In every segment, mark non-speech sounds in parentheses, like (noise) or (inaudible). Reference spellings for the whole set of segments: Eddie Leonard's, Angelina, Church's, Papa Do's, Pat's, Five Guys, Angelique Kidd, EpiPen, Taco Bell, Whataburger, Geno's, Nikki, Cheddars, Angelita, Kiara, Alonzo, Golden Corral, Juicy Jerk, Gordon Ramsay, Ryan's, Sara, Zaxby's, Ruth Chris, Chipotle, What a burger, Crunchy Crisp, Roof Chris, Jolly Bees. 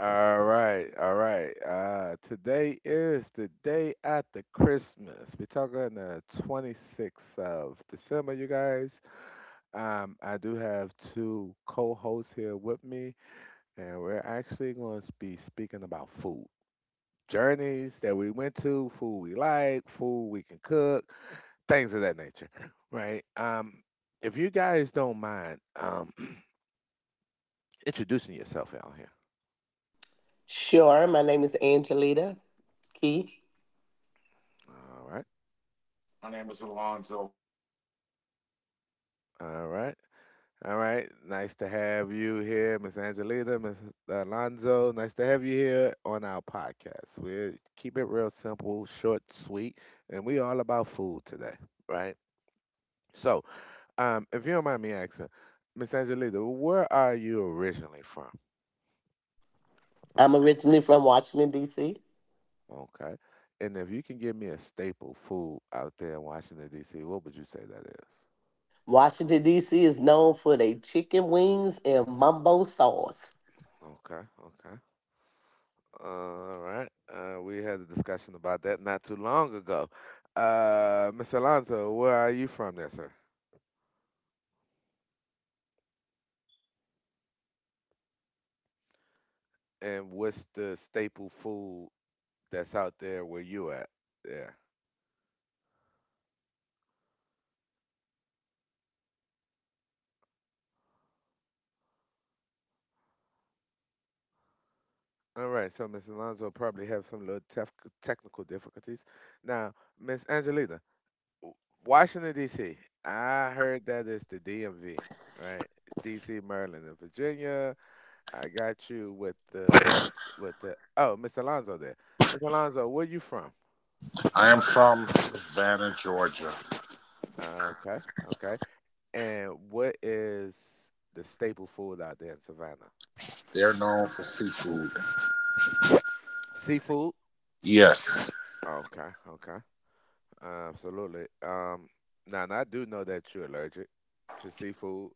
All right, all right. Today is the day after Christmas. We're talking the 26th of December, you guys. I do have two co-hosts here with me, and we're actually going to be speaking about food. Journeys that we went to, food we like, food we can cook, things of that nature, (laughs) right? If you guys don't mind, (clears throat) introducing yourself out here. Sure. My name is Angelita Key. All right, My name is Alonzo. all right. All right. Nice to have you here, Miss Angelita, Miss Alonzo. Nice to have you here on our podcast. We keep it real simple, short, sweet, and we all about food today, right? So, if you don't mind me asking, Miss Angelita, where are you originally from? I'm originally from Washington, D.C. Okay. And if you can give me a staple food out there in Washington D.C., what would you say that is? Washington, D.C. is known for their chicken wings and mumbo sauce. Okay, okay. All right. We had a discussion about that not too long ago. Miss Alonso, where are you from there, sir? And what's the staple food that's out there where you at? Yeah. All right. So Miss Alonso probably have some little technical difficulties. Now, Miss Angelina, w- Washington D.C., I heard that it's the DMV, right? D.C., Maryland, and Virginia. I got you with the oh, Miss Alonso there. Miss Alonso, where you from? I am from Savannah, Georgia. Okay, okay. And what is the staple food out there in Savannah? They're known for seafood. Seafood? Yes, Okay, okay. Absolutely. Now, and I do know that you're allergic to seafood.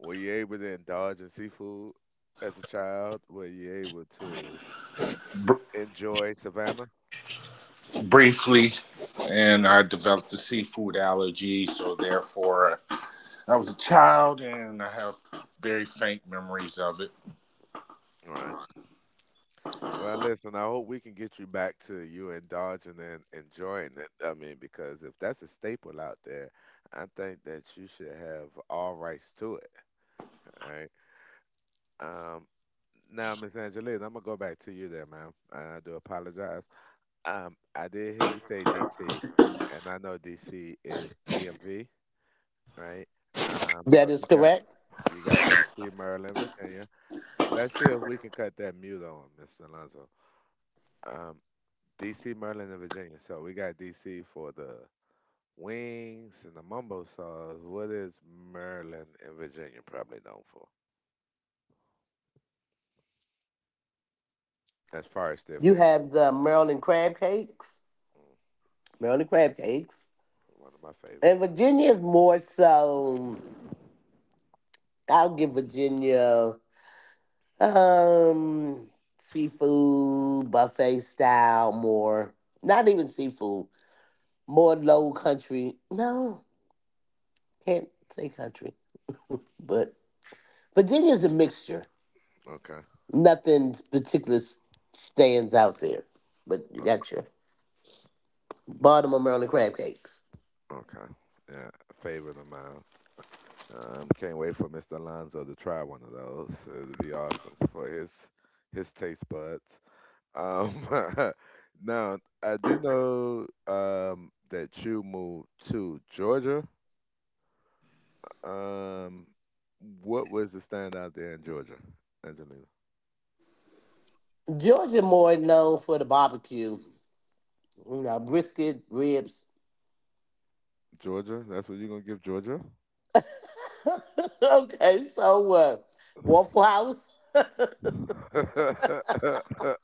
Were you able to indulge in seafood as a child? Were you able to br- enjoy Savannah? briefly, and I developed a seafood allergy, so therefore, I was a child and I have very faint memories of it. All right. Well, listen, I hope we can get you back to you indulging and enjoying it. I mean, because if that's a staple out there, I think that you should have all rights to it. All right. Um, Now, Miss Angeline, I'm gonna go back to you there, ma'am, and I do apologize. I did hear you say DC, and I know DC is DMV, right? That So is correct. you got DC, Maryland, Virginia. Let's see if we can cut that mute on, Miss Alonso. Um, DC, Maryland, and Virginia. So we got DC for the wings and the mumbo sauce. What is Maryland and Virginia probably known for as far as their You food? have the Maryland crab cakes, Mm, Maryland crab cakes. one of my And favorites. Virginia is more so, I'll give Virginia um seafood buffet style more. Not even seafood, more low country. No, can't say country, but Virginia's a mixture. Okay. Nothing particular, stands out there, but you Uh, got your Baltimore, Maryland crab cakes. okay. Yeah, favor the minds. Can't wait for Mr. Alonzo to try one of those. It'd be awesome for his taste buds. Um, (laughs) Now I do know that you moved to Georgia. Um, what was the standout there in Georgia, Angelina? Georgia more known for the barbecue, brisket, ribs. Georgia? That's what you're gonna give Georgia? (laughs) Okay, so Waffle House, (laughs) (laughs)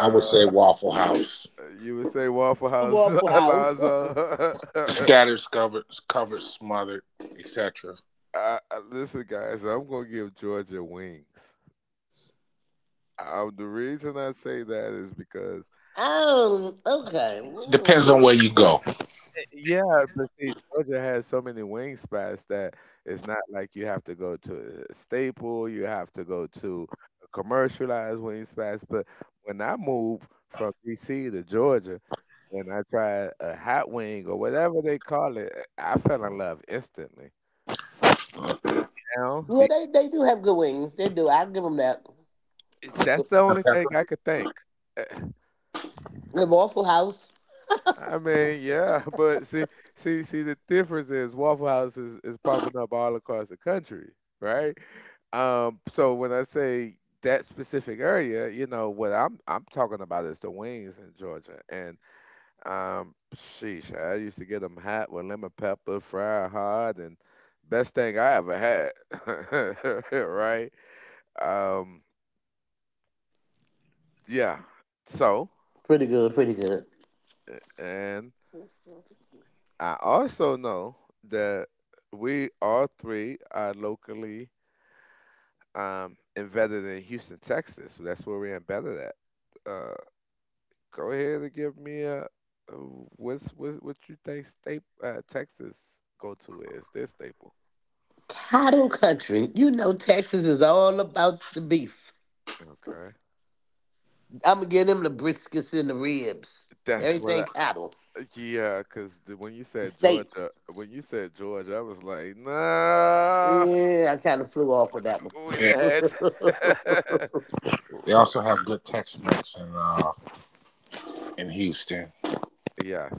I would say Waffle House. you would say Waffle House, (laughs) Waffle House. (laughs) Alonzo. (laughs) Scattered, covered, smothered, etc. I listen, guys. I'm gonna give Georgia wings. The reason I say that is because Okay, Depends mm. on where you go. yeah, but see, Georgia has so many wing spots that it's not like you have to go to a staple. You have to go to a commercialized wing spots. But when I moved from DC to Georgia, and I tried a hot wing or whatever they call it, I fell in love instantly. Now, Yeah, they do have good wings. They do. I'll give them that. That's the And only thing pepper. I could think. The Waffle House, I mean, yeah, (laughs) but see, the difference is Waffle House is popping up all across the country, right? So when I say that specific area, you know, what I'm talking about is the wings in Georgia, and sheesh, I used to get them hot with lemon pepper, fried hard, and best thing I ever had, (laughs) right? Um, yeah. So, pretty good, pretty good. and I also know that we all three are locally embedded in Houston, Texas. That's where we're embedded at. Uh, Go ahead and give me a what you think state Texas go to is their staple. Cattle country. You know Texas is all about the beef. Okay, I'ma give them the briskets and the ribs. that's what Everything I cattle. yeah. When you The said steaks. Georgia, I was like, no, Yeah, I kind of flew off with that one. (laughs) we Yeah. the heads. (laughs) They also have good Tex-Mex in in Houston. (laughs) Yes.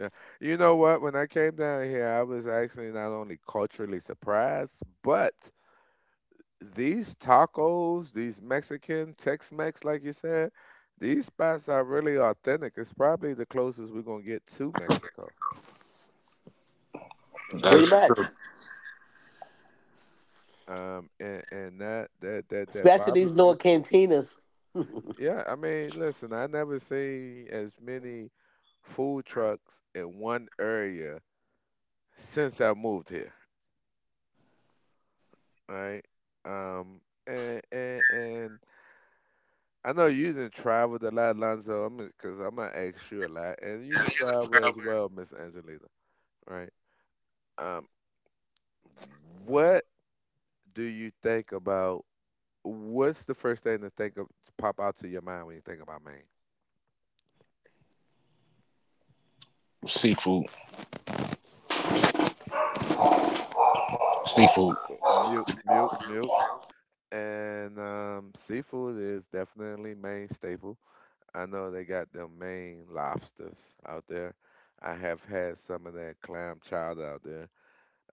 Yeah. You know what? When I came down here, I was actually not only culturally surprised, but these tacos, these Mexican Tex-Mex, like you said, these spots are really authentic. It's probably the closest we're gonna get to Mexico. All Pretty right. That's true. much. And that Especially these barbecue. North Cantinas. Yeah, I mean, listen, I never seen as many food trucks in one area since I moved here. Right. Um, and I know you didn't travel a lot, Lonzo. I'm because I'm gonna ask you a lot, and you didn't travel as well, Miss Angelina. Right? Um, what do you think about? What's the first thing to think of pop out to your mind when you think about Maine? Seafood, seafood. Mute, mute, mute. And seafood is definitely Maine staple. I know they got them Maine lobsters out there. I have had some of that clam chowder out there.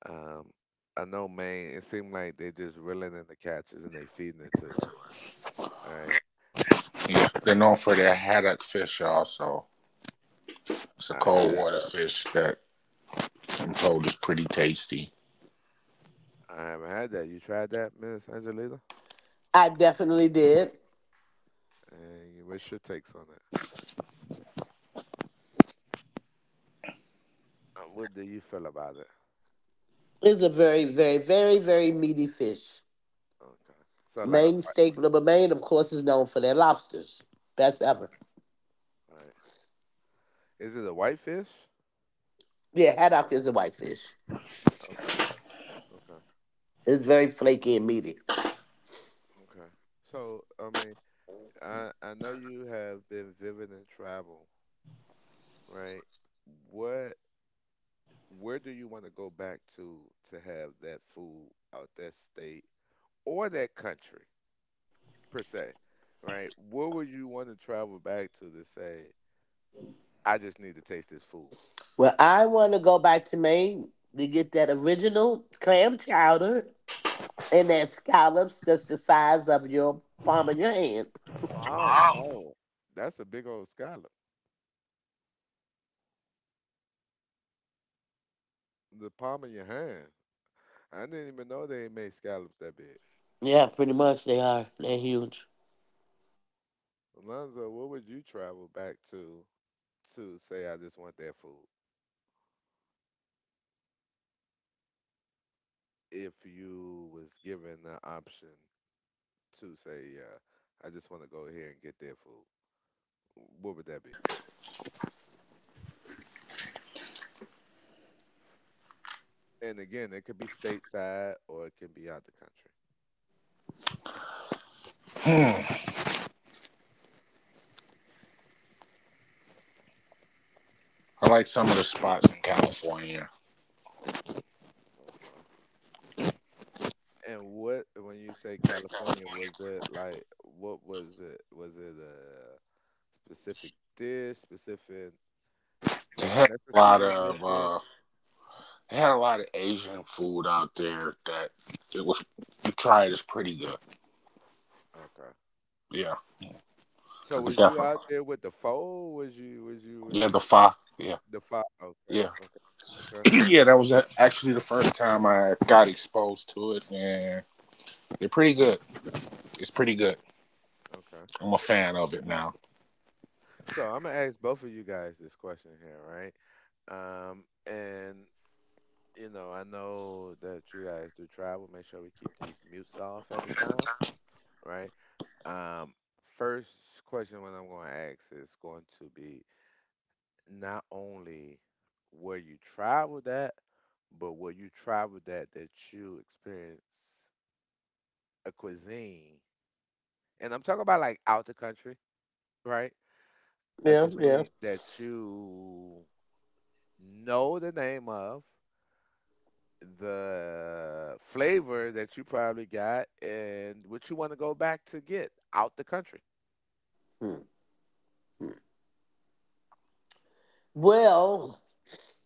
Um, I know, Maine. It seemed like they just reeling in the catches and they feeding it to us. All right. Yeah, they're known for their haddock fish also. It's a I cold had water fish that I'm told is pretty tasty. I haven't had that. You tried that, Miss Angelita? (laughs) I definitely did. And you- what's your takes on it? What do you feel about it? It's a very, very, very, very meaty fish. Okay. So like, Maine right? staple, but Maine, of course, is known for their lobsters. Best Okay, ever. all right. Is it a whitefish? Yeah, haddock is a white fish. Okay. Okay. It's very flaky and meaty. Okay. So I mean, I know you have been vivid in travel, right? What where do you want to go back to have that food out that state? Or that country per se, right? Where would you want to travel back to say, I just need to taste this food? Well, I want to go back to Maine to get that original clam chowder and that scallops that's the size of your palm of your hand. Oh Oh. no, that's a big old scallop. The palm of your hand. I didn't even know they made scallops that big. Yeah, pretty much they are. They're huge. Alonzo, where would you travel back to say I just want that food? If you was given the option to say, yeah, I just want to go here and get their food, what would that be? And again, it could be stateside or it can be out the country. Hmm. I like some of the spots in California. And what, when you say California, was it like, what was it? Was it a specific dish, specific They had a ethnicity lot that of make it? uh, they had a lot of Asian food out there that it was you try it is pretty good. Okay. Yeah, So I could was you definitely. out there with the foe? Was Yeah, the you pho. Yeah, the five? Okay, yeah, okay, (clears throat) yeah. That was actually the first time I got exposed to it, and they're pretty good. It's pretty good. okay. I'm a fan of it now. So I'm gonna ask both of you guys this question here, right? And you know, I know that you guys do travel. Make sure we keep these mutes off at the time, right? Um, First question what I'm going to ask is going to be not only where you traveled at, but where you traveled at that you experienced a cuisine, and I'm talking about like out the country, right? A Yeah, yeah. cuisine that you know the name of, the flavor that you probably got, and what you want to go back to get out the country. Hmm, hmm. Well,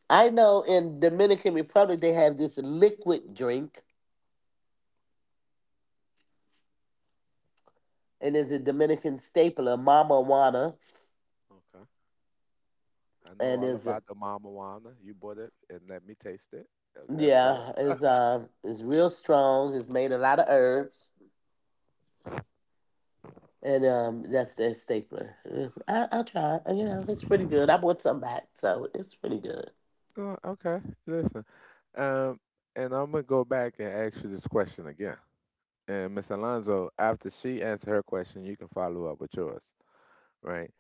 I know in Dominican Republic they have this liquid drink, and it's a Dominican staple, a mama want, Okay. I know and all is, about the marijuana. You bought it and let me taste it. Okay, let's go. yeah, is it's real strong. It's made a lot of herbs. And that's their stapler. Mm, I'll try it. It's pretty good. I bought some back, so it's pretty good. Oh, okay, listen. Um, and I'm gonna go back and ask you this question again. And Miss Alonzo, after she answers her question, you can follow up with yours, right?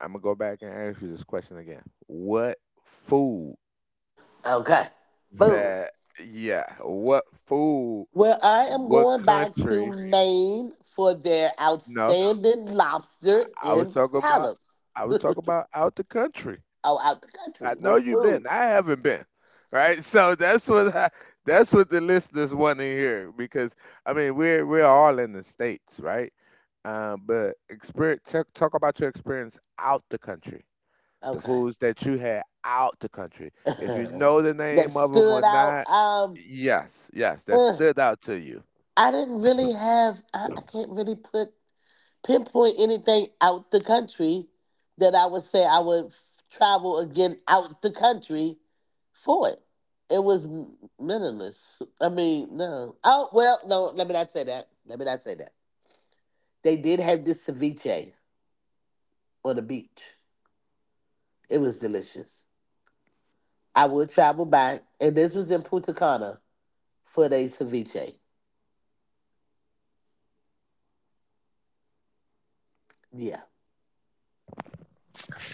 I'm gonna go back and ask you this question again. What food Okay, food. that, yeah, what food, Well, I am what going back to country? Maine for their No, outstanding I lobster I was and talking about, scallops. I (laughs) was Oh, talking about out the country. out the I country know with you've been. food. I haven't been. Right? (laughs) So that's what I, that's what the listeners want to hear because I mean we're all in the states, right? But experience talk, talk about your experience out the country, the Okay, foods that you had out the country. If you know the (laughs) that name of them or stood out. not, yes, yes, that ugh, stood out to you. I didn't really have. I can't really put pinpoint anything out the country that I would say I would travel again out the country for it. It was meaningless. I mean, no. Oh well, no. Let me not say that. Let me not say that. They did have this ceviche on the beach. It was delicious. I would travel back, and this was in Punta Cana for the ceviche. Yeah,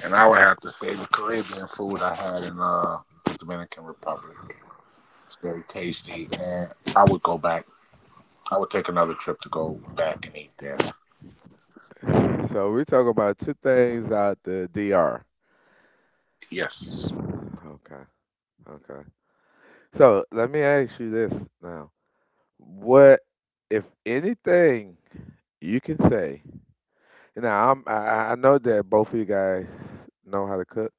And I would have to say the Caribbean food I had in the Dominican Republic. It's very tasty, and I would go back. I would take another trip to go back and eat there. So we talk about two things out the DR. Yes. Okay, okay. So let me ask you this now. What, if anything, you can say? Now, I know that both of you guys know how to cook,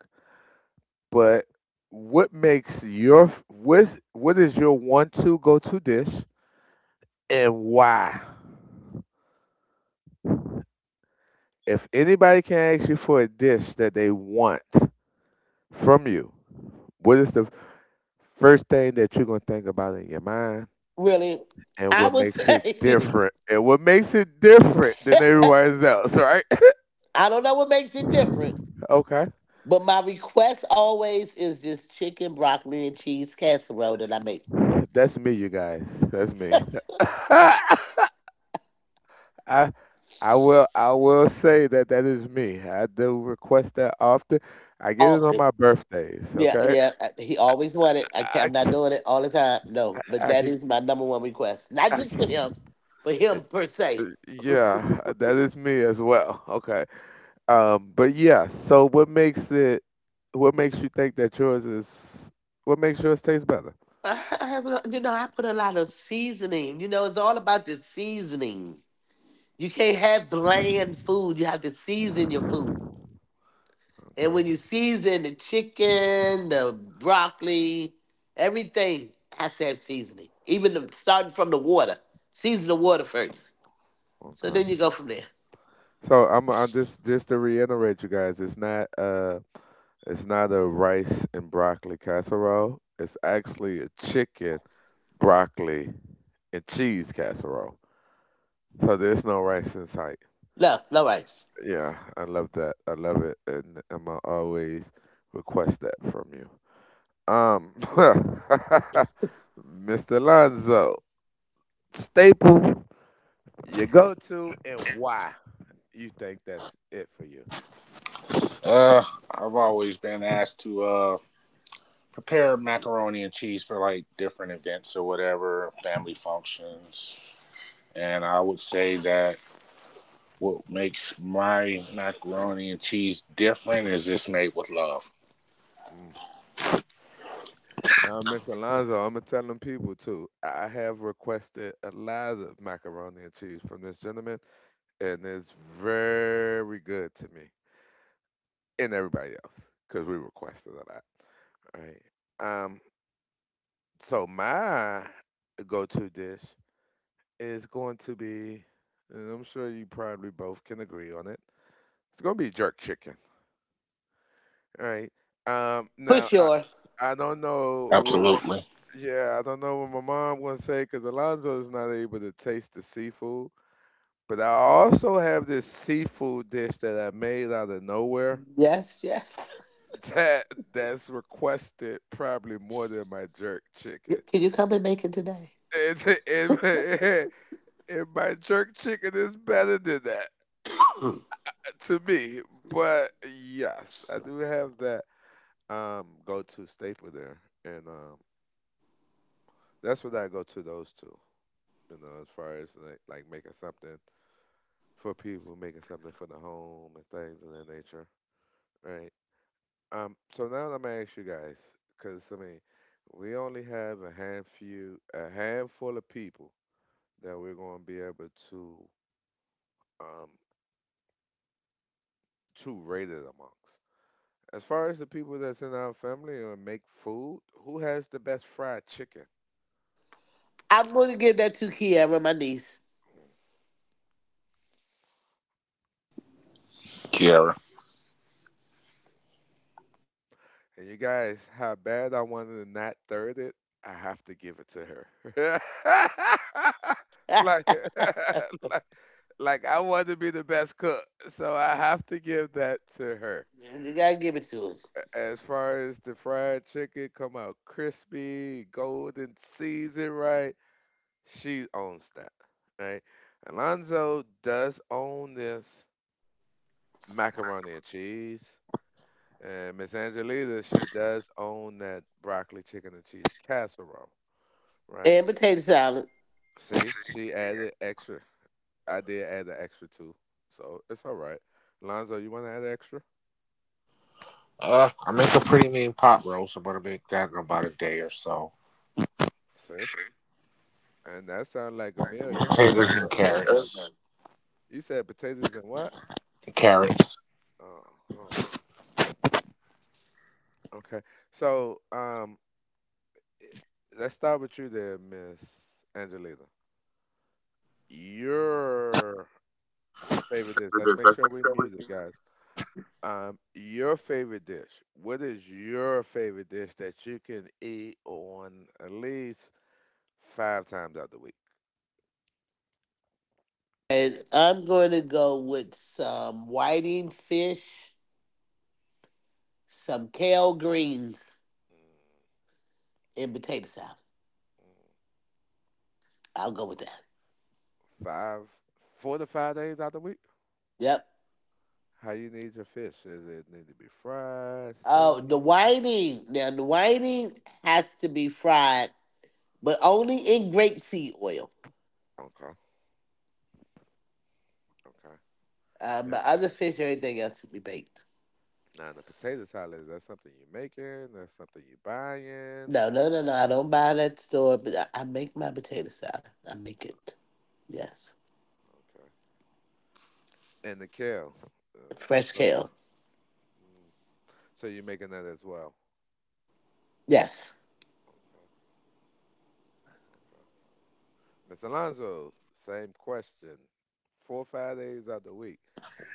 but what makes your what is your one-two go-to dish and why? If anybody can ask you for a dish that they want from you, what is the first thing that you're gonna think about in your mind, really. and I what would makes it say different, and what makes it different than everyone else, right? (laughs) (laughs) I don't know what makes it different. Okay. But my request always is just chicken, broccoli, and cheese casserole that I make That's me, you guys. That's me. (laughs) I I will say that that is me. I do request that often. I get it on often. my birthdays. Yeah, Okay. yeah. He always wanted it. I can't. I I'm not c- doing it all the time. No, but I that can. is my number one request. Not I just for can him, but him per se. yeah, that is me as well. Okay. But yeah. So what makes it? What makes you think that yours is? What makes yours taste better? I have, I put a lot of seasoning. It's all about the seasoning. You can't have bland food. You have to season your food. And Okay. when you season the chicken, the broccoli, everything has to have seasoning. Even the, starting from the water. Season the water first. So Okay. then you go from there. I just to reiterate, you guys. It's not a rice and broccoli casserole. It's actually a chicken, broccoli, and cheese casserole. So there's no rice in sight. No, no rice. Yeah, I love that. I love it, and I'm gonna always request that from you. Um, (laughs) Mr. Alonzo, staple you go to and why you think that's it for you? Uh, I've always been asked to prepare macaroni and cheese for like different events or whatever, family functions, and I would say that what makes my macaroni and cheese different is it's made with love. Mm. Now, Miss Alonzo, I'm gonna tell them people too. I have requested a lot of macaroni and cheese from this gentleman, and it's very good to me and everybody else because we requested a lot. All right. So my go-to dish is going to be, and I'm sure you probably both can agree on it. It's gonna be jerk chicken. All right. Um. For Now I sure. I don't know what. Absolutely, Yeah, I don't know what my mom gonna say because Alonzo is not able to taste the seafood. But I also have this seafood dish that I made out of nowhere Yes, yes. (laughs) that that's requested probably more than my jerk chicken. Can you come and make it today? And, and, my- (laughs) and my jerk chicken is better than that Mm. to me. But yes, I do have that go-to staple there, and that's what I go to those two. You know, as far as like making something for people, making something for the home and things of that nature, right? So now I'm gonna ask you guys, because I mean, we only have a handful of people that we're gonna be able um, to rate it amongst. As far as the people that's in our family and make food, who has the best fried chicken? I'm going to give that to Kiara, my niece. Kiara. And you guys, how bad I wanted to not third it, I have to give it to her. (laughs) (laughs) Like, You (laughs) like I want to be the best cook, so I have to give that to her. got to give it to her. As far as the fried chicken come out crispy, golden seasoned right, she owns that, right? Alonzo does own this macaroni and cheese, and Miss Angelita, she does own that broccoli chicken and cheese casserole, right? And potato salad. See, she added extra. I did add the extra too, so it's all right. Alonzo, you want to add extra? I make a pretty mean pot roast. I'm gonna make that in about a day or so. See? And that sounds like a meal, you guys, Potatoes to and everybody. carrots. You said potatoes and what? Carrots. Oh, oh, okay. So, i- let's start with you there, Miss Angelina. Your favorite dish. Let's make sure we're music, guys. Your favorite dish. What is your favorite dish that you can eat on at least five times out the week? And I'm going to go with some whiting fish, some kale greens, Mm. and potato salad. I'll go with that. Five, 4 to 5 days out the week? Yep. How you need your fish? Does it need to be fried, Oh, the steamed? whiting. Now the whiting has to be fried, but only in grapeseed oil. Okay. Okay. Yep. My other fish or anything else to be baked. Now the potato salad, is that something you're making? That's something you're buying? No, no, no, no. I don't buy it at the store, but I make my potato salad. I make it. Yes. Okay. And the kale. Uh, so, Fresh some, kale. mm, so you're making that as well. Yes. Okay. Okay. Miss Alonzo, same question. 4 or 5 days out the week.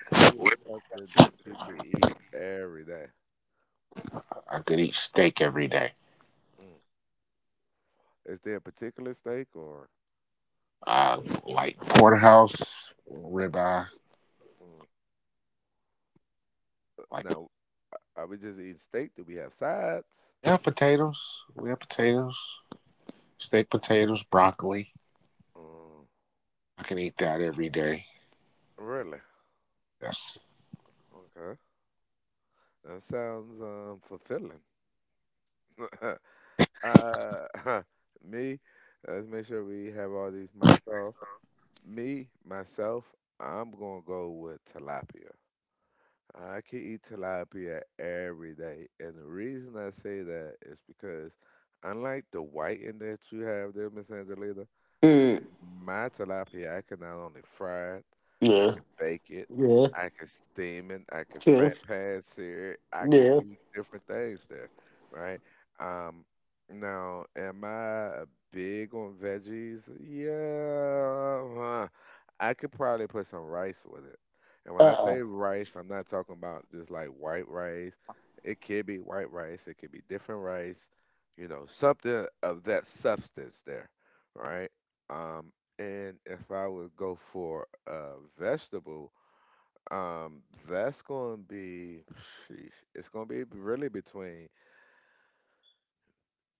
What is something that you can eat every day? I could eat steak every day. Mm. Is there a particular steak or Uh, like porterhouse, ribeye. mm. Like Now are we just eating steak? Do we have sides? yeah, potatoes. We have potatoes, steak, potatoes, broccoli. Mm. I can eat that every day. Really? Yes. Okay. That sounds fulfilling. (laughs) uh, (laughs) me, let's make sure we have all these mics off. Me, myself, I'm gonna go with tilapia. I can eat tilapia every day, and the reason I say that is because unlike the whiting that you have there, Miss Angelina, Mm. my tilapia, I can not only fry it, I Yeah. can bake it, Yeah. I can steam it, I can True. fat pan sear it, I could Yeah. do different things there, right? Um, now, am I big on veggies? Yeah, I could probably put some rice with it. And when I Uh-uh. say rice, I'm not talking about just like white rice. It could be white rice, it could be different rice, you know, something of that substance there, right? Um, and if I would go for a vegetable, um, that's going to be, sheesh, it's going to be really between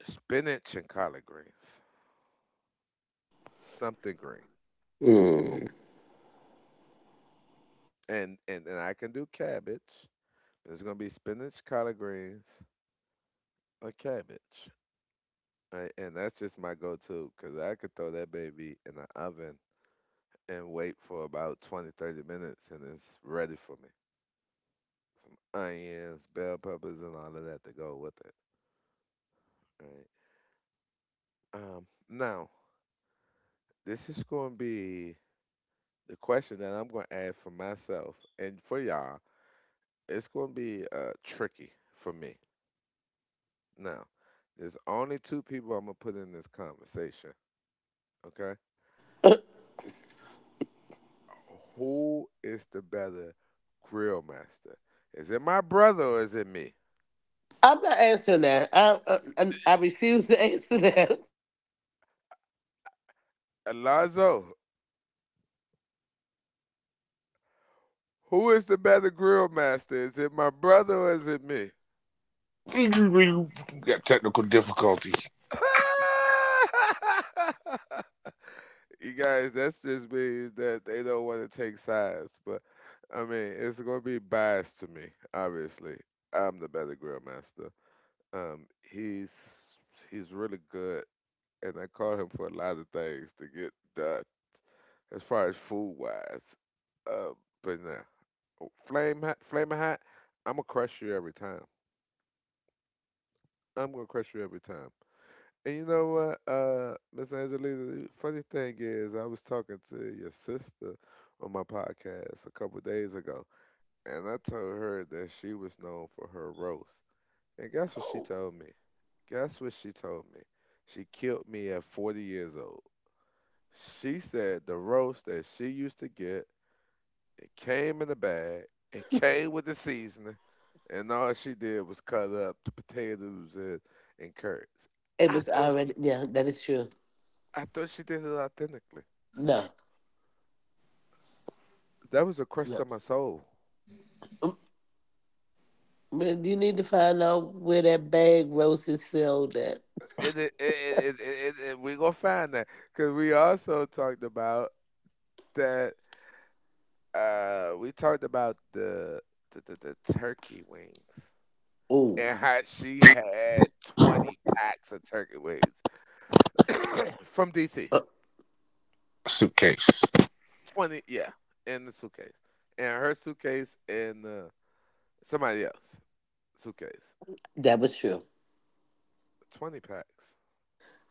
spinach and collard greens, something green. Mm. And I can do cabbage. It's going to be spinach, collard greens, or cabbage. And that's just my go-to because I could throw that baby in the oven and wait for about 20, 30 minutes and it's ready for me. Some onions, bell peppers, and all of that to go with it. Right. Now, this is going to be the question that I'm going to add for myself and for y'all. It's going to be tricky for me. Now, there's only two people I'm going to put in this conversation, okay? Who is the better grill master? Is it my brother or is it me? I'm not answering that. I refuse to answer that. (laughs) Alonzo, who is the better grill master? Is it my brother or is it me? (laughs) got technical difficulty. (laughs) You guys, that's just means that they don't want to take sides. But I mean, it's going to be biased to me. Obviously, I'm the better grill master. Um, he's he's really good, and I call him for a lot of things to get done as far as food wise. Uh, but no, flame hot, flame hot. I'm gonna crush you every time. I'm gonna crush you every time. And you know what, Miss Angelina, the funny thing is, I was talking to your sister on my podcast a couple days ago, and I told her that she was known for her roast. And guess what she Oh, told me? Guess what she told me? She killed me at 40 years old. She said the roast that she used to get, it came in a bag, it came with the seasoning, and all she did was cut up the potatoes and curds. it I was thought already, yeah, that is true. I thought she did it authentically. No, That was a crush no. on my soul. Um, but you need to find out where that bag roses sold at. And we gonna find that because we also talked about that. We talked about the, the, the turkey wings Ooh, and how she had 20 packs of turkey wings (coughs) from DC. uh, Suitcase. 20, yeah, in the suitcase, and her suitcase and somebody else suitcase. that was true. 20 packs.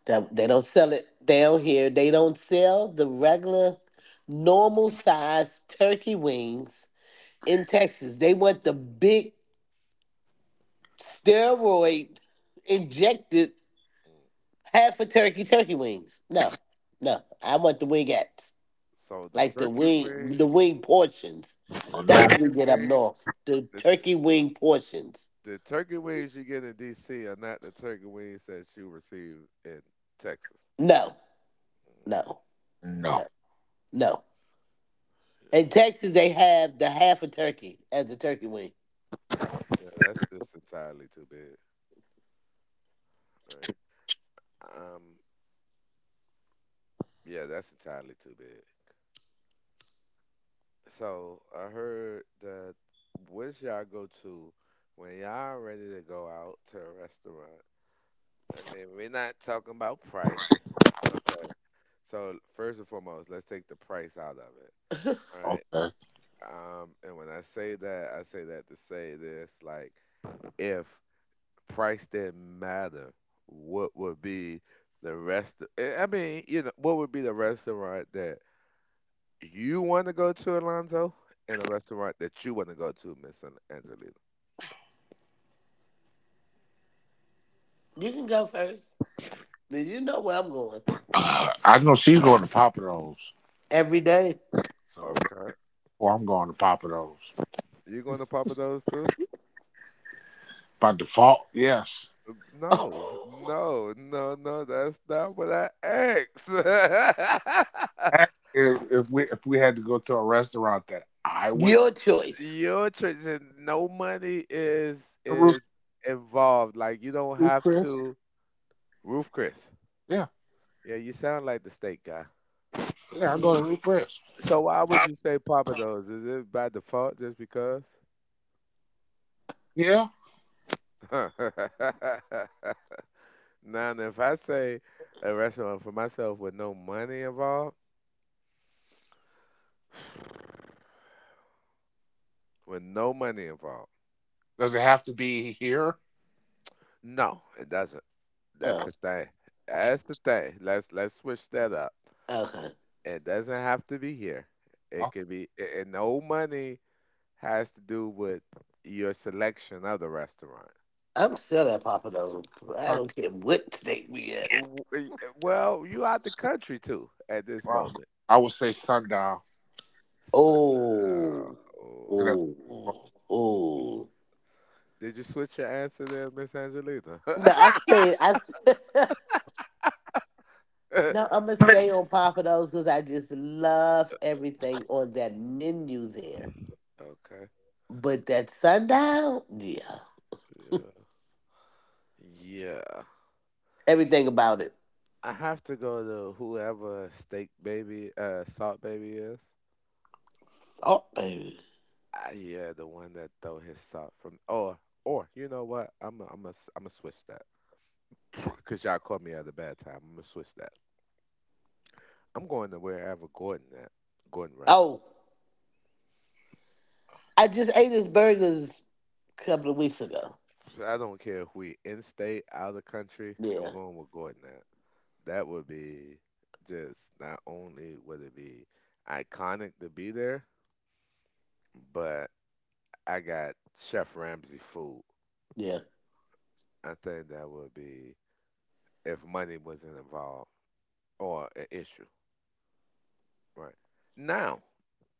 That they don't sell it down here. They don't sell the regular, normal size turkey wings in Texas. They want the big steroid injected Mm. half a turkey turkey wings. No, no, I want the wingettes, So the like the turkey wing, wing, the wing portions. Oh, the no, That's what turkey we get up wing, north. The the turkey wing portions. the turkey wings you get in DC are not the turkey wings that you receive in Texas. No, Mm. no, no. no, no. Yeah. In Texas, they have the half a turkey as a turkey wing. Yeah, that's just entirely too big, right? Um, yeah, that's entirely too big. So I heard that, where's y'all go to when y'all ready to go out to a restaurant? I mean, we're not talking about price. Okay. So first and foremost, let's take the price out of it. (laughs) All right. Okay. And when I say that to say this, like, if price didn't matter, what would be I mean, you know, what would be the restaurant that you want to go to, Alonzo, and the restaurant that you want to go to, Angelina? You can go first. Did you know where I'm going? I know she's going to Papa Do's. Every day. So Okay, therefore, I'm going to Papa Do's you going to Papa Do's too? by default. Yes. No, (laughs) no, no, no. That's not what I asked. (laughs) And if we had to go to a restaurant that I would Your choice. Your choice, and no money root is involved. Like you don't Ruth have Chris, to. Roof Chris. yeah, Yeah, you sound like the steak. yeah, I go to Mm. Ruth Chris. So why would you say Papa Do's? Is it by default just because? Yeah. (laughs) Now, if I say a restaurant for myself with no money involved, with no money involved, Does it have to be here? no, it doesn't. That's Oh, the thing. Okay. That's the thing. Let's switch that up. okay. It doesn't have to be here. It I'll, could be. And no money has to do with your selection of the restaurant. I'm I'll, still at Papa Do's. I talk- don't care what state we at. Well, you out the country too at this well, moment. I would say sundial. So, Oh, You oh, know, oh, oh. did you switch your answer there, Miss Angelita? No, I (laughs) stayed. No, I'm gonna stay on Papa Do's because I just love everything on that menu there. Okay. But that sundown, yeah, Yeah. Yeah. everything about it. I have to go to whoever steak baby, salt baby is. Oh, baby. Yeah, the one that throw his salt from. Or you know what? I'm gonna switch that. (laughs) (sniffs) Cause y'all caught me at a bad time. I'm gonna switch that. I'm going to wherever Gordon at. Gordon Ramsay. Oh, I just ate his burgers a couple of weeks ago. I don't care if we in state, out of country. I'm Yeah, going with Gordon. That would be just not only would it be iconic to be there, but I got Chef Ramsay food. yeah. I think that would be if money wasn't involved or an issue, right? Now,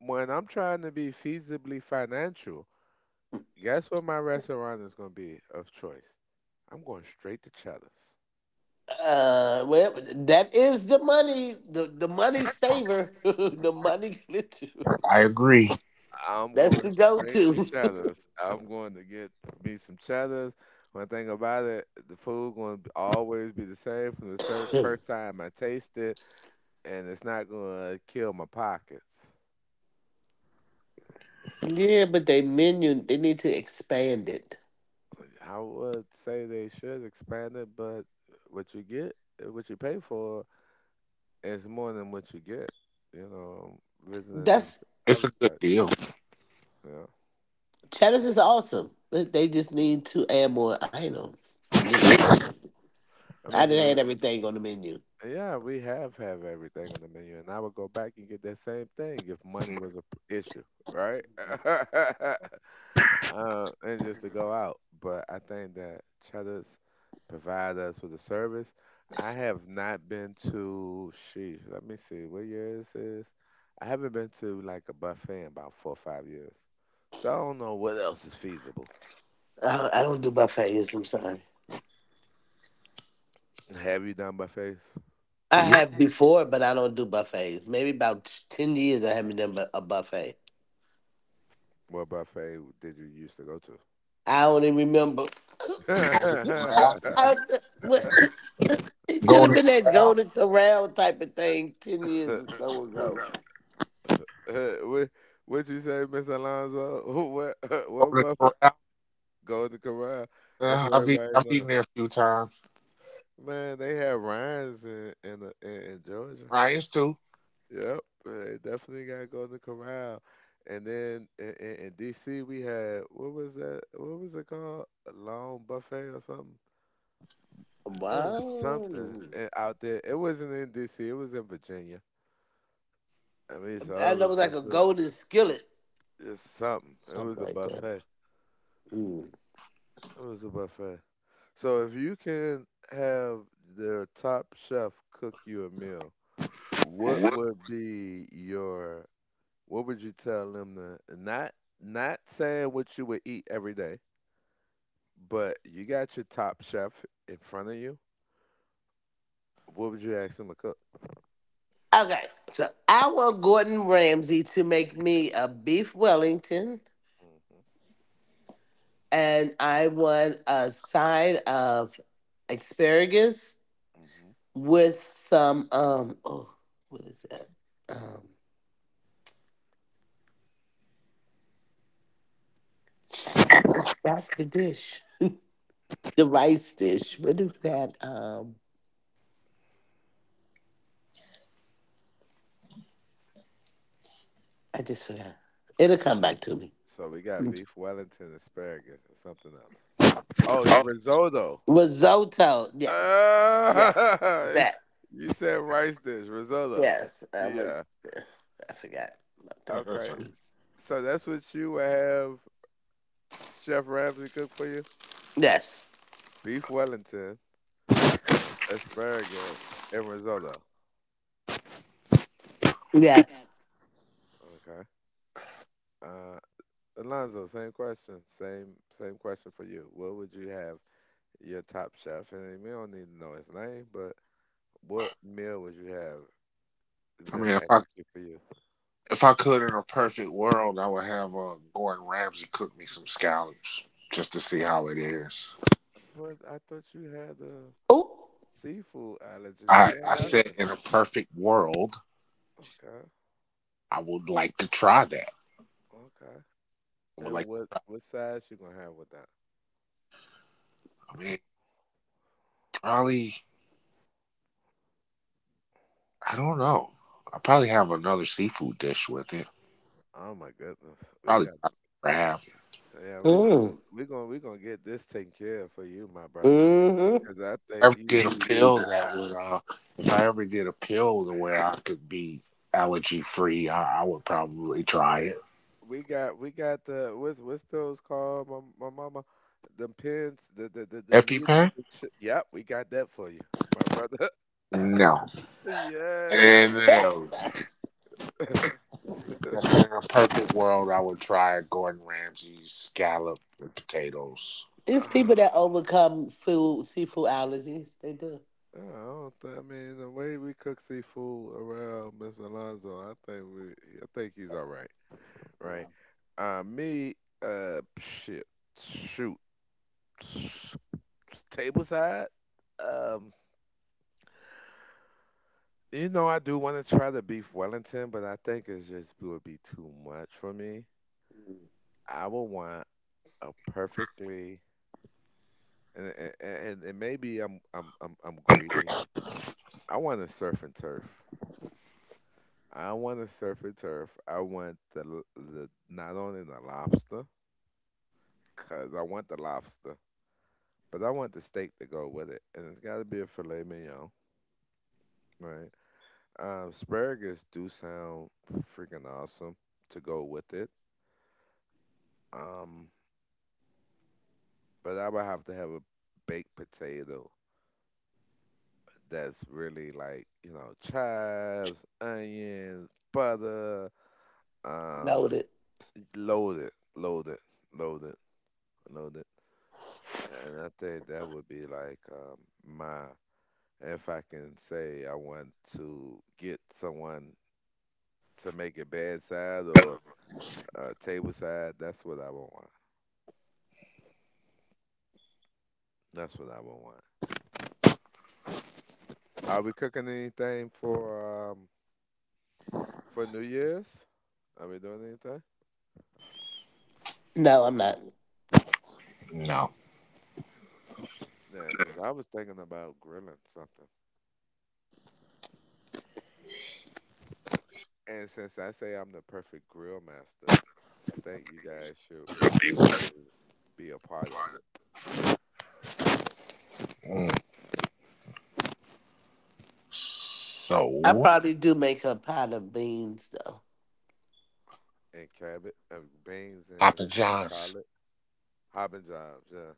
when I'm trying to be feasibly financial, guess what my restaurant is going to be of choice? I'm going straight to Cheddar's. Well, that is the money, the money saver, (laughs) the money glitcher. I agree. I'm That's going the straight to go-to. Cheddar's. I'm going to get me some Cheddar's. One thing about it, the food going to always be the same from (laughs) (coughs) first time I taste it, and it's not going to kill my pockets. Yeah, but they menu, they need to expand it. I would say they should expand it, but what you get, what you pay for, is more than what you get. You know, visiting these That's It's other a good sites. deal. Yeah, Cheddars is awesome, but they just need to add more items to me. I Yeah. I mean, didn't add 'cause everything on the menu. yeah, we have everything on the menu, and I would go back and get that same thing if money was issue, right? (laughs) And just to go out. But I think that Cheddar's provide us with a service. I have not been to, sheesh, let me see, what year this is? I haven't been to like a buffet in about 4 or 5 years. So I don't know what else is feasible. I don't do buffets. I'm sorry. Have you done buffets? I have before, but I don't do buffets. Maybe about 10 years I haven't done a buffet. What buffet did you used to go to? I only remember. Golden Corral. I, (coughs) what- (laughs) it could have Golden been that Corral. Golden Corral type of thing 10 years or (laughs) so ago. Golden (laughs) What what you say, Miss Alonzo? (laughs) What (laughs) what Buffett? Corral. Golden Corral. That's Yeah, what I've, eat, everybody I've know. eaten there a few times. Man, they have Ryan's in Georgia. Ryan's too. Yep, they definitely got Golden Corral. And then in D.C. we had what was that? What was it called? A long buffet or something? It was Wow, something I out there. It wasn't in D.C. It was in Virginia. I mean, know so I it always was go like a to Golden Skillet, just something. It was something a like that. buffet. Hmm. It was a buffet. So if you can have their top chef cook you a meal, what would be your what would you tell them to not not saying what you would eat every day, but you got your top chef in front of you. What would you ask them to cook? Okay, so I want Gordon Ramsay to make me a beef Wellington, Mhm. and I want a side of asparagus Mhm. with some, oh, what is that? um After back the dish, the rice dish, what is that? I just forgot. It'll come back to me. So we got beef Wellington, asparagus, and something else. Oh, Oh, risotto. Risotto. Yes, yes, Ah, (laughs) that. you said rice dish, risotto. Yes, Yeah. I forgot about that. Okay, (laughs) s- so that's what you would have Chef Ramsay cook for you? Yes. Beef Wellington, asparagus, and risotto. Yes. Okay. Uh, Alonzo, same question. Same question for you. What would you have your top chef? And we don't need to know his name, but what meal would you have I them mean, if I execute for you? if I could in a perfect world, I would have Gordon Ramsay cook me some scallops just to see how it is. But I thought you had a Oh. seafood allergy. I What said happened? in a perfect world, Okay, I would like to try that. okay. I would like. And I what sides you gonna have with that? mean, probably I don't know. I probably have another seafood dish with it. Oh my goodness, we Probably got crab. If yeah, we're gonna Mm. we're gonna we're gonna get this taken care of for you, my brother. Hmm. Cause I I think ever you get a need the, pill that would if I ever get a pill to where I could be allergy free, I would probably try it. we got the what's those called, my mama, the pins the needle EpiPen? the yep we got that for you my brother. (laughs) No. yes, go look. Amen. (laughs) Just in a perfect world, I would try Gordon Ramsay's scallop and potatoes. It's people that Ah, overcome seafood allergies. They do. I don't I mean the way we cook seafood around Mr. Alonzo I think we I think he's all right, right. Yeah. Uh me, uh, shit, shoot, table side, um, you know, I do want to try the beef Wellington, but I think it's just it would be too much for me. Mm. I would want a perfectly and maybe I'm greedy. I want a surf and turf. I want a surf and turf. I want the not only the lobster, cause I want the lobster, but I want the steak to go with it, and it's got to be a filet mignon, right? Asparagus do sound freaking awesome to go with it. Um, but I would have to have a baked potato that's really like, you know, chives, onions, butter, um, Noted. loaded, loaded, loaded, loaded. And I think that would be like, um, my if I can say I want to get someone to make it bedside or table side, that's what I would want. That's what I would want. Are we cooking anything for for New Year's, are we doing anything? No, I'm not. No. Yeah, 'cause I was thinking about grilling something. And since I say I'm the perfect grill master, I think you guys should be wanting to be a part of it. Mm. I So, probably do make a pot of beans though. And cabbage, beans, and Papa John's. collard, hopping jobs. Yeah.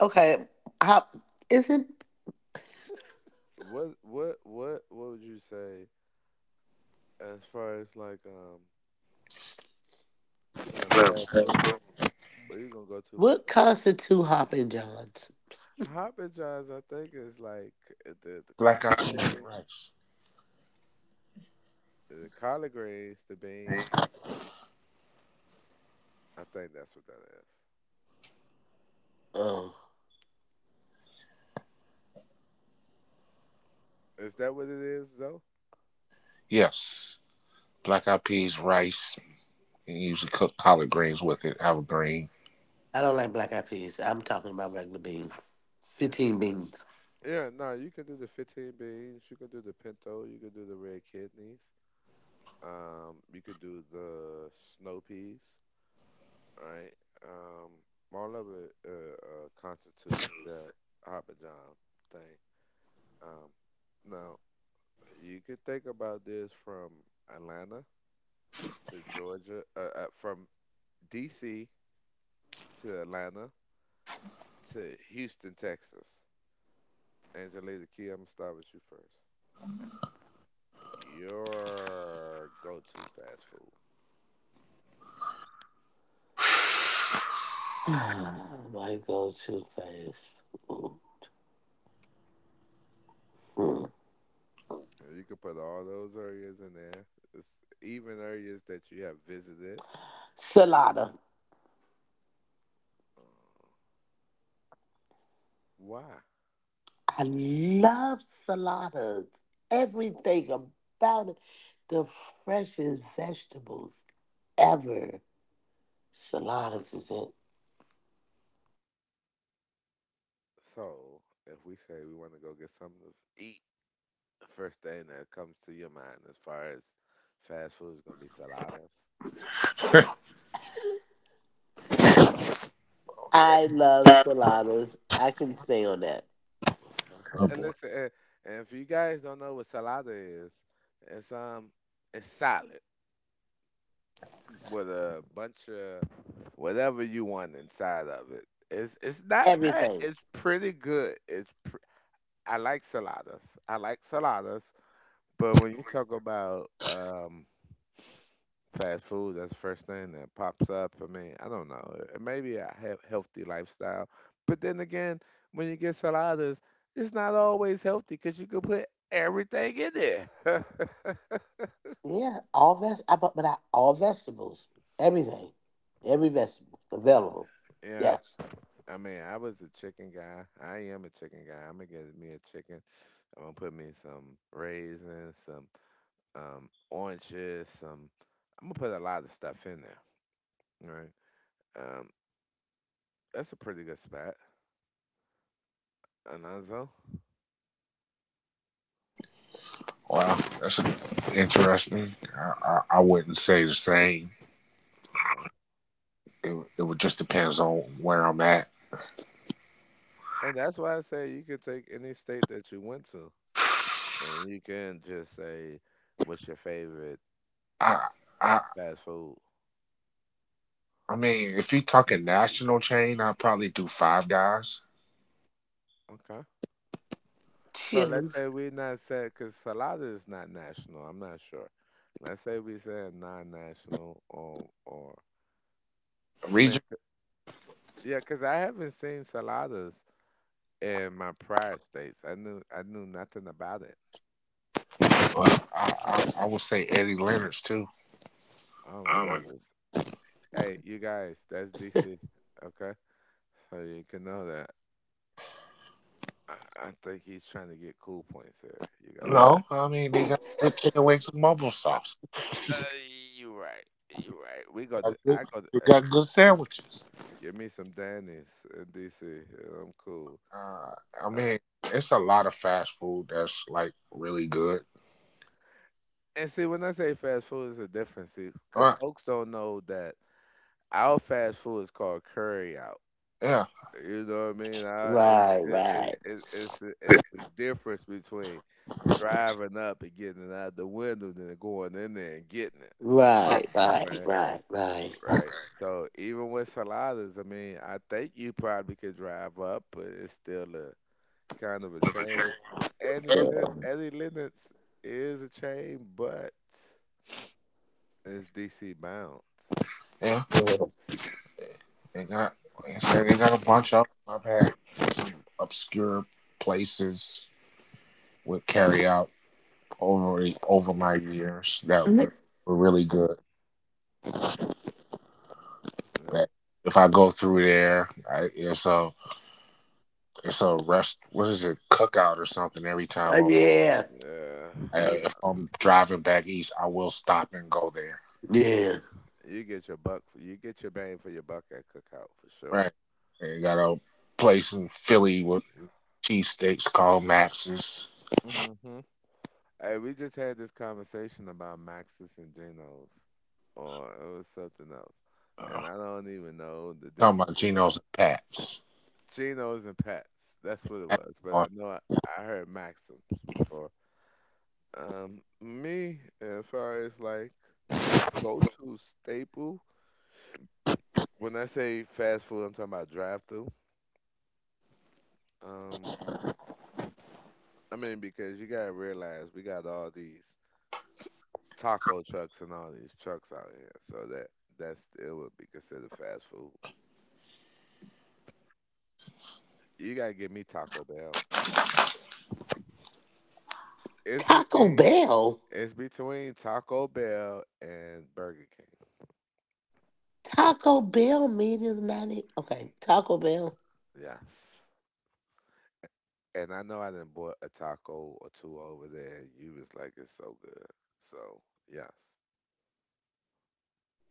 Okay. Hop isn't What would you say as far as like, um, like fast food? Um, What are you gonna go to for what constitute hopping johns? fast? Hoppin' John's, I think is like, the collard Black eyed peas and greens. rice. The collard greens, the bean. I think that's what that is. Oh. Is that what it is, though? Yes. Black eyed peas, rice, and usually cook collard greens with it. Have a green. I don't like black eyed peas. I'm talking about regular beans. Yeah. 15 beans. Yeah, no, you can do the 15 beans. You can do the pinto. You can do the red kidneys. You could do the snow peas, right? Um, all of it constitute that Hopper John thing. Um, now, you could think about this from Atlanta to Georgia, from D.C. to Atlanta to Houston, Texas. Angelica Key, I'm gonna start with you first. Your go-to fast food. (sighs) (sighs) (laughs) I go too fast. Mm. Mm. And you can put all those areas in there. It's even areas that you have visited. Salada. Uh, Why? I love saladas, everything about it. The freshest vegetables ever. Saladas is it. So, if we say we want to go get something to eat, the first thing that comes to your mind as far as fast food is gonna be saladas. Okay. I love saladas. I can stay on that. Okay. Oh And boy. listen, and if you guys don't know what salada is, it's, it's salad with a bunch of whatever you want inside of it. It's not bad. Everything. It's pretty good. I like saladas. I like saladas, but when you talk about fast food, that's the first thing that pops up for me. I don't know. It may be a healthy lifestyle, but then again, when you get saladas, it's not always healthy because you can put everything in there. Yeah, all veg. But I, all vegetables. Everything. Every vegetable available. (laughs) yeah, Yes. I mean, I was a chicken guy. I am a chicken guy. I'm gonna get me a chicken. I'm gonna put me some raisins, some oranges, some. I'm gonna put a lot of stuff in there. Right. Um, that's a pretty good spot, Alonzo. Wow, that's interesting. I wouldn't say the same. Okay. It would just depends on where I'm at. And that's why I say you can take any state that you went to, (sighs) and you can just say, "What's your favorite I I fast food?" I mean, if you're talking national chain, I'd probably do Five Guys. Okay. So let's say Chilies. we not said because Salada is not national. I'm not sure. Let's say we said non-national or I mean, Regional, yeah, because I haven't seen Saladas in my prior states. I knew nothing about it. I would say Eddie Leonard's too. Oh my Oh my god. goodness. Hey, you guys, that's DC. Okay, so you can know that. I, I think he's trying to get cool points here, you guys. No, I mean they got good chicken wings and mumble sauce. Uh, you right. You right. We They got to. got good, I got they to, got good sandwiches. give me some Danny's in DC, and I'm cool. Uh, I mean, it's a lot of fast food that's like really good. And see, when I say fast food, it's a difference because But folks don't know that our fast food is called curry out. yeah, You know what I mean? I, it's Right, it, it, right, it, it's the difference between driving up and getting it out the window than going in there and getting it. right, right, Right, right, right. right. So even with saladas, I mean, I think you probably could drive up, but it's still a kind of a chain. Eddie, Eddie Lennox is a chain, but it's DC bound. yeah, they got. Like I they got a bunch of. 'Em. I've had some obscure places would carry out over my years that were really good. Yeah, That if I go through there. I, it's a rest. What is it? Cookout or something? Every time I'm Yeah. yeah. I, Yeah. if I'm driving back east, I will stop and go there. Yeah. You get your buck. You get your bang for your buck at Cookout for sure. Right? They got a place in Philly with cheesesteaks called Max's. Hmm. Hey, we just had this conversation about Maxis and Geno's, or it was something else, and Uh, I don't even know the talking difference about because Geno's and Pat's. Geno's and Pats. That's what it was. But I Uh, know I heard Maxims before. Me as far as like go to staple. When I say fast food, I'm talking about drive through. Um, I mean, because you gotta realize we got all these taco trucks and all these trucks out here, so that that's it would be considered fast food. You gotta give me Taco Bell. It's Taco between Bell? it's between Taco Bell and Burger King. Taco Bell meetings not in. Okay, Taco Bell. Yes. And I know I didn't bought a taco or two over there, and you was like, it's so good. So yes,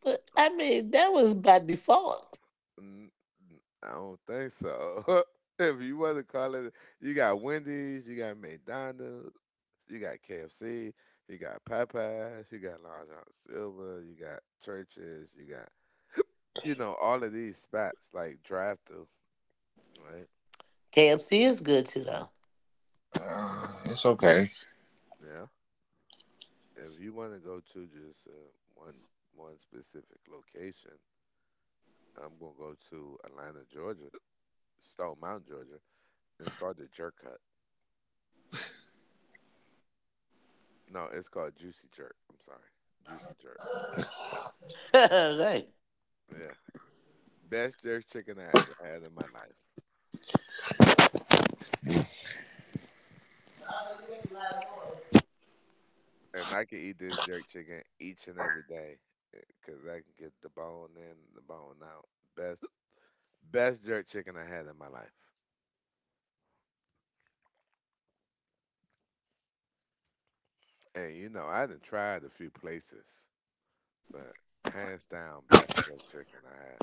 But uh, I mean, that was by default. n- I don't think so. (laughs) if you want to call it, you got Wendy's, you got McDonald's. You got KFC, you got Popeyes, you got Long John Silver, you got churches, you got you know all of these spots like drive through, right? KFC is good too, though. it's okay. Yeah. If you want to go to just one one specific location, I'm gonna go to Atlanta, Georgia, Stone Mountain, Georgia. It's called the Jerk Hut. No, it's called Juicy Jerk. I'm sorry, Juicy Jerk. (laughs) Right. Yeah, best jerk chicken I ever had in my life. And I can eat this jerk chicken each and every day because I can get the bone in, the bone out. Best, best jerk chicken I had in my life. And you know, I done tried a few places, but hands down, best jerk chicken I had.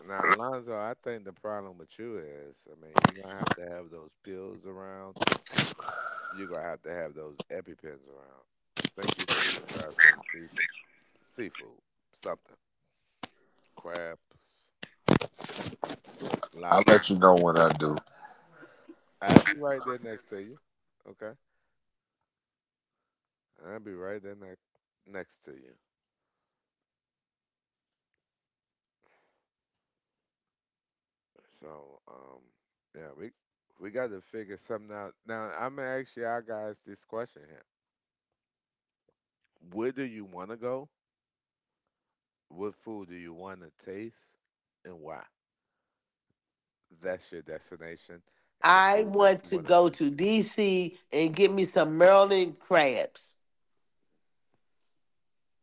Now, Alonzo, I think the problem with you is, I mean, you're gonna have to have those pills around. You're gonna have to have those EpiPens around. I think you need to try some seafood, seafood, something, crabs, I'll let you know what I do. I'll be right there next to you. Okay, I'll be right there next to you. So yeah, we got to figure something out. Now I'm gonna ask y'all guys this question here: where do you want to go? What food do you want to taste, and why? That's your destination, and the I food that want you to want to go taste. to DC and get me some Maryland crabs.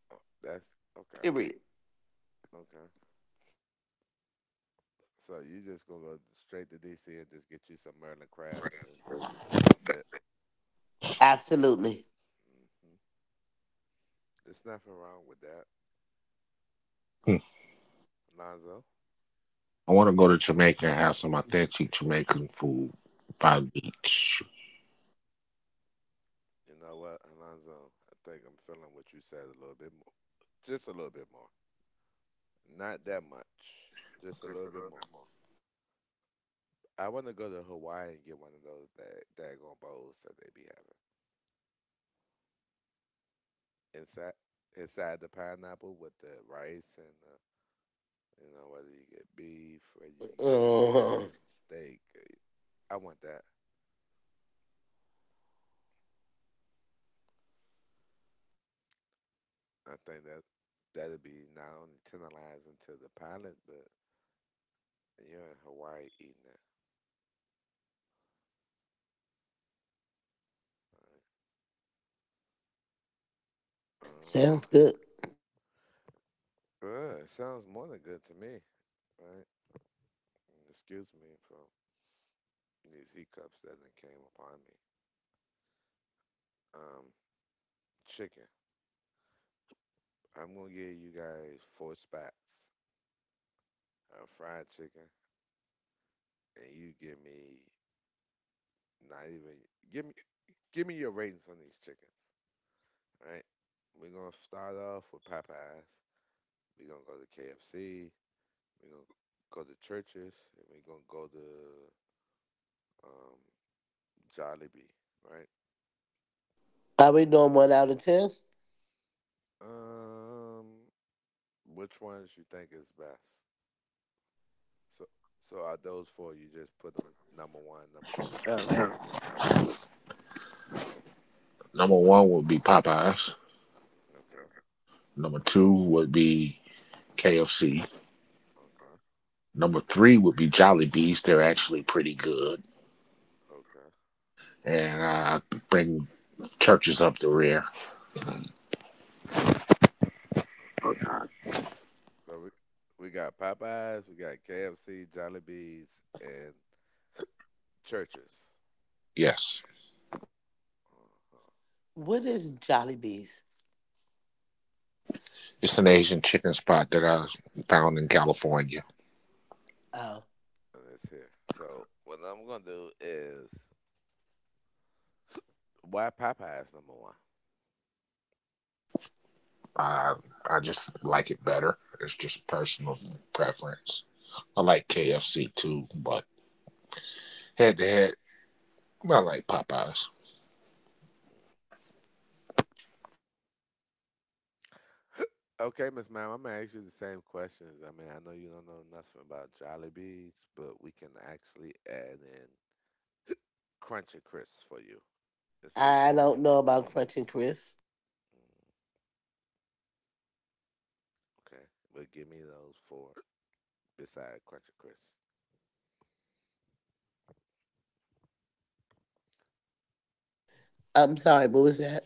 Oh, that's okay. Period. Okay. So you just gonna go straight to DC and just get you some Merlin crabs, and that's it. Absolutely. Hmm. There's nothing wrong with that, Lonzo. I want to go to Jamaica and have some authentic Jamaican food Mm, by the beach. you know what, Alonzo? I think I'm feeling what you said a little bit more. Just a little bit more. Not that much. Just a little bit more. I want to go to Hawaii and get one of those that daggone bowls that they be having. Inside inside the pineapple with the rice and the, whether you get beef, whether you get chicken, Uh-huh. steak. I want that. I think that that'd be not only tantalizing to the palate, but you're in Hawaii eating that. Right? All right. Sounds good. It sounds more than good to me, right? And excuse me for these hiccups that then came upon me. Um, Chicken. I'm gonna give you guys four spots of fried chicken, and you give me not even give me give me your ratings on these chickens. All right, we're gonna start off with Popeyes. We're gonna go to KFC. We're gonna go to churches, and we're gonna go to um, Jollibee. Right. Are we doing 1 out of 10? Um, Which ones you think is best? So, so are those four? You just put them number one, number two, number Oh. three, number four. Number one would be Popeyes. Okay, Number two would be KFC. okay, Number three would be Jolly Bees. They're actually pretty good. okay, And I bring churches up the rear. okay. So we got Popeyes, we got KFC, Jollibees, and churches. Yes. Uh-huh. What is Jollibees? It's an Asian chicken spot that I found in California. Oh. And it's here. So what I'm gonna do is, why Popeyes number one? I I just like it better. It's just personal preference. I like KFC too, but head to head, I like Popeyes. Okay, Miss Ma'am, I'm gonna ask you the same questions. I mean, I know you don't know nothing about Jollibees, but we can actually add in Crunchy Crisp for you. It's a I gas don't station. know about Crunching Chris. Mm, okay, but give me those four beside Crunch Crisp. I'm sorry, what was that?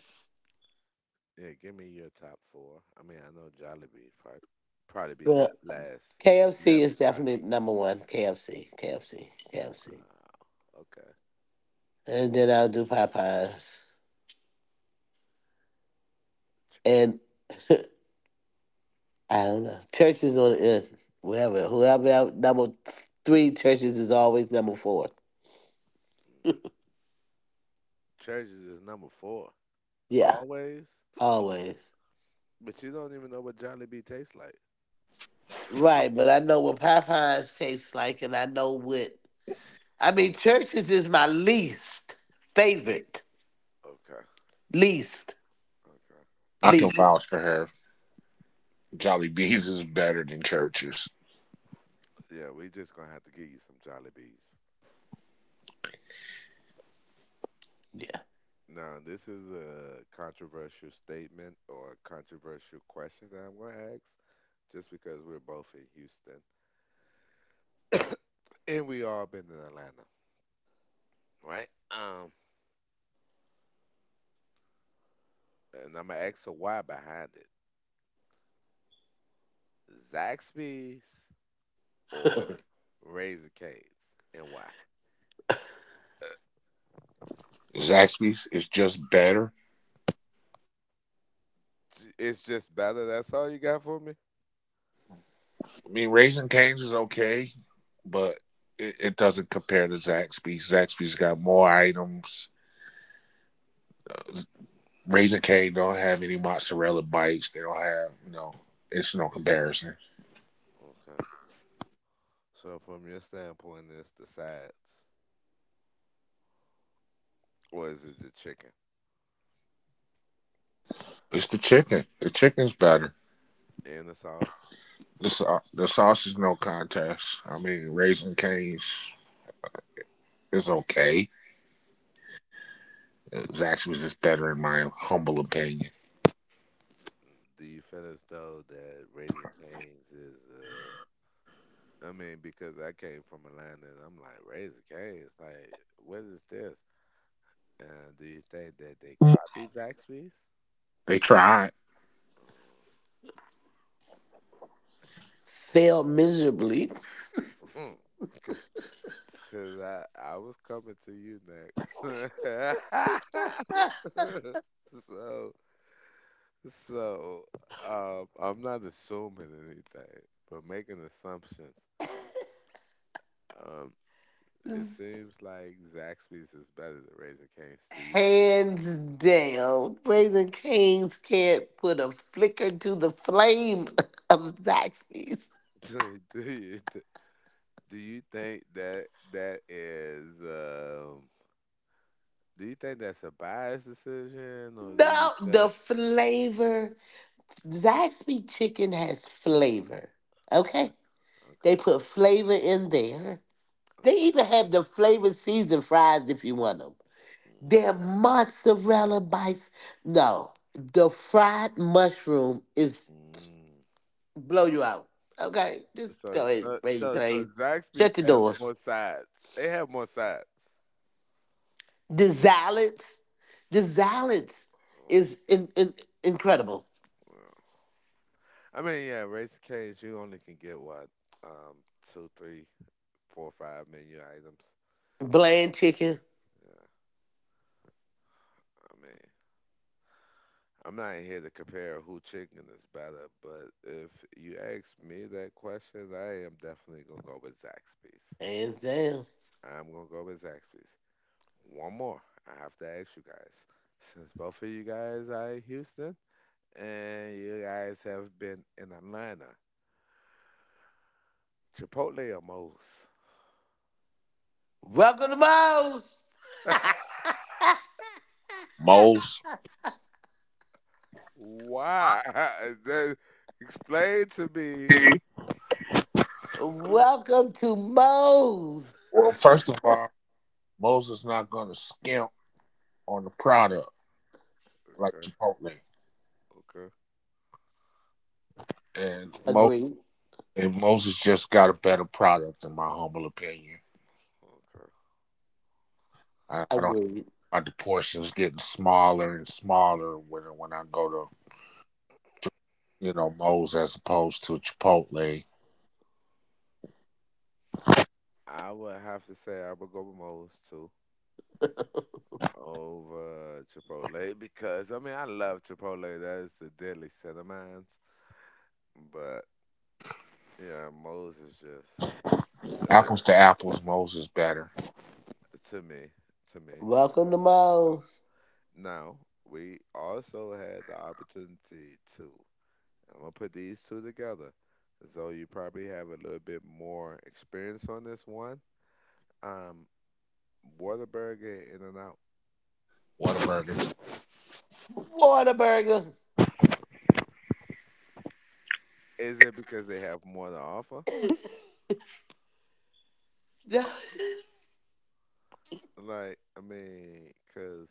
Yeah, give me your top four. I mean, I know Jollibee probably Well, last 'cause you KFC haven't is tried. definitely number one. KFC, KFC, KFC. Wow. Okay. And then I'll do Popeyes. Ch- And I don't know. Church is on the end. Whoever out number three, churches is always number four. mm. Churches is number four Yeah, always, always. but you don't even know what Jollibee tastes like. Right, but I know what Popeyes tastes like, and I know what. I mean, churches is my least favorite. Okay. Least, Okay. I can least. vouch for her. Jolly Bees is better than Church's. Yeah, we just gonna have to get you some Jollibees. Yeah. Now, this is a controversial statement or a controversial question that I'm gonna ask, just because we're both in Houston and we all been in Atlanta, right? And I'm gonna ask her why behind it, Zaxby's or Raising Cane's, and why? Zaxby's is just better. It's just better. That's all you got for me. I mean, Raising Cane's is okay, but it doesn't compare to Zaxby's. Zaxby's got more items. Raising Cane don't have any mozzarella bites. They don't have no. It's no comparison. Okay. So from your standpoint, it's the sides, or is it the chicken It's the chicken. The chicken's better. and the sauce? The sausage no contest. I mean, Raising Cane's is okay. Zaxby's is better in my humble opinion. Do you feel as though that Raising Cane's is I mean, because I came from Atlanta and I'm like, Raising Cane's, like, what is this? Do you think that they copied Zaxby's? They tried. Failed miserably. Because (laughs) I was coming to you next. (laughs) so, so I'm not assuming anything, but making assumptions. Um, it seems (laughs) like Zaxby's is better than Raising Cane's to you. Hands down, Raising Cane's can't put a flicker to the flame (laughs) of Zaxby's. (laughs) Do you do you think that that is? Do you think that's a biased decision, or do you No, think? the flavor. Zaxby chicken has flavor. Okay, Okay? okay, They put flavor in there. okay. They even have the flavored season fries if you want them. Their mozzarella bites. No, the fried mushroom is Mm. blow you out. Okay? Just So, go so, ahead, Raising so, so cane. Zaxby's Shut the has more doors. sides. They have more sides. The Zealots. The Zealots Oh, is incredible. well. I mean, yeah, Raising Cane's, you only can get what, um, two, three, four, five menu items. Bland chicken. Yeah, I mean, I'm not here to compare who chicken is better, but if you ask me that question, I am definitely gonna go with Zaxby's. Hands down. I'm gonna go with Zaxby's. One more. I have to ask you guys. Since both of you guys are in Houston and you guys have been in Atlanta, Chipotle or Moe's? Welcome to Moe's. Moles. (laughs) Why? (laughs) That- Explain to me. (laughs) Welcome to Moe's. Well, first of all, Moles is not going to skimp on the product like Okay, Chipotle, okay, and Mo Agreed. and Moses just got a better product in my humble opinion. okay. I don't. Agreed. My the portions getting smaller and smaller when I go to Moles as opposed to Chipotle. I would have to say I would go with Moe's too over Chipotle because I mean I love Chipotle. That's a deadly set of mine. But yeah, Moe's is just yeah. Apples to apples, Moles is better. to me, to me, I would Welcome to definitely say Moe's. that. Now, we also had the opportunity to, I'm gonna put these two together. So you probably have a little bit more experience on this one. Um, Whataburger and In-N-Out. What a burger. Whataburger. Is it because they have more to offer? (laughs) Like, I mean, 'cause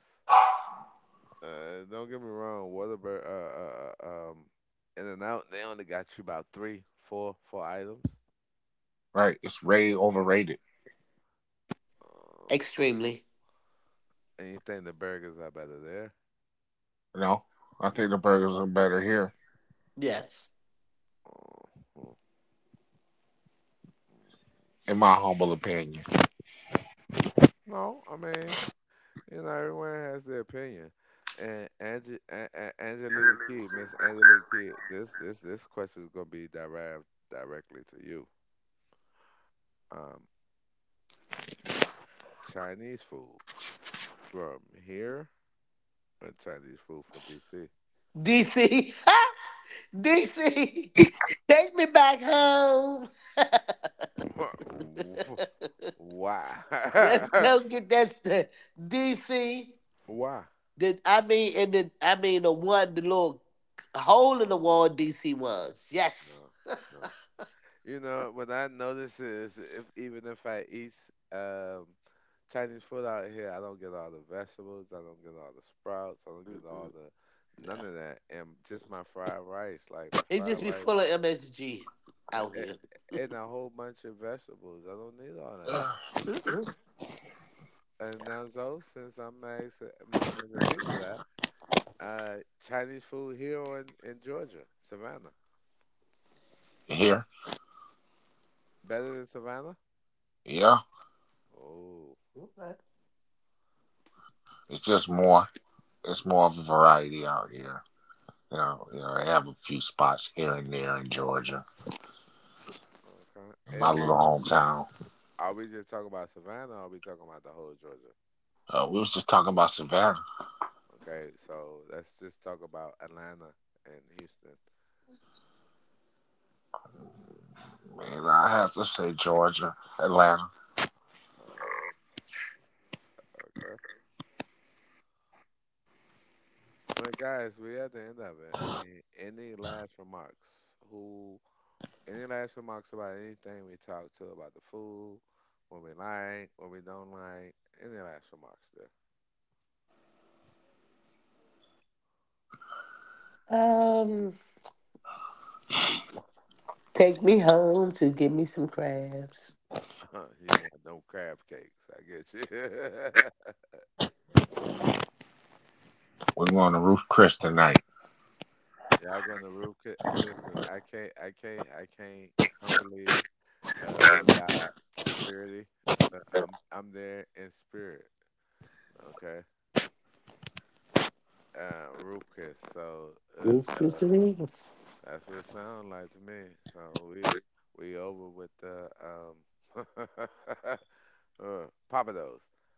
don't get me wrong, Whataburger, In-N-Out, they only got you about three, four items. Right? It's way overrated. Huh. Extremely. And you think the burgers are better there? You know? I think the burgers are better here, Yes. Mhm. in my humble opinion. No, I mean, you know, everyone has their opinion. And Angie, Angelique Kidd, Miss Angelique Kidd, this question is gonna be derived directly to you. Um, Chinese food from here or Chinese food from DC? DC. DC. (laughs) Take me back home. (laughs) (laughs) Why? Let's go (laughs) get that DC. Why? That I mean, and then I mean the one, the little hole in the wall DC was. Yes. No, no. You know, what I notice is if even if I eat um Chinese food out here, I don't get all the vegetables, I don't get all the sprouts, I don't get all Mm-mm, the none of nah. that, and Mm. just my fried rice, It just be full of MSG yeah, out here. And a whole bunch of vegetables. I don't need all of that. Ugh. Mhm. And now, so since I'm asking Miss Angelina that, uh, Chinese food here or in Georgia, Savannah, Here? better than Savannah? Yeah. Oh, Okay. It's just more it's more of a variety out here. They have a few spots here and there in Georgia. okay. In Is my it? little hometown. Are we just talking about Savannah or are we talking about the whole of Georgia? We was just talking about Savannah. Okay, so let's just talk about Atlanta and Houston. Man, I have to say Georgia, Atlanta. Uh, okay. Well, guys, we're at the end of it. I mean, any last remarks? Who? Any last remarks about anything we talked to about the food? What we like, what we don't like? Any last remarks Um, Take me home to give me some crabs. there? (laughs) You want no crab cakes? I get you. We're going to Ruth Chris tonight. (laughs) Y'all going to roof? Listen, I can't humbly beyond security, but I'm there in spirit. Okay, roof. So uh, Roof uh, Chris and Eagles. that's what it sounds like to me. So we we over with the (laughs) papados,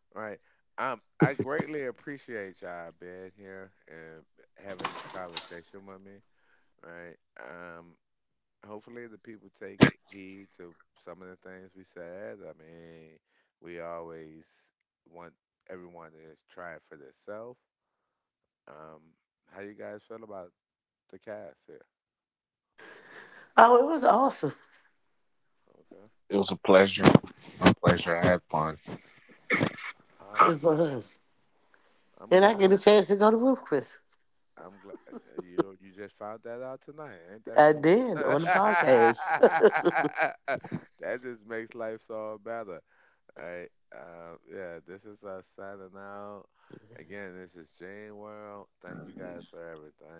right? I greatly appreciate y'all being here and having this conversation with me, right? Um, Hopefully the people take heed to some of the things we said. I mean, we always want everyone to just try it for themselves. Um, how you guys feel about the cast here? Oh, it was awesome. Okay, It was a pleasure. My pleasure. I had fun. awesome. It Awesome. was, I'm and I glad. get a chance to go to Roof Chris. I'm glad you just found that out tonight. Ain't that I something? did on the (laughs) podcast. (laughs) That just makes life so better. All right. Yeah, this is us signing out. Again, this is Jane World. Thank you guys for everything.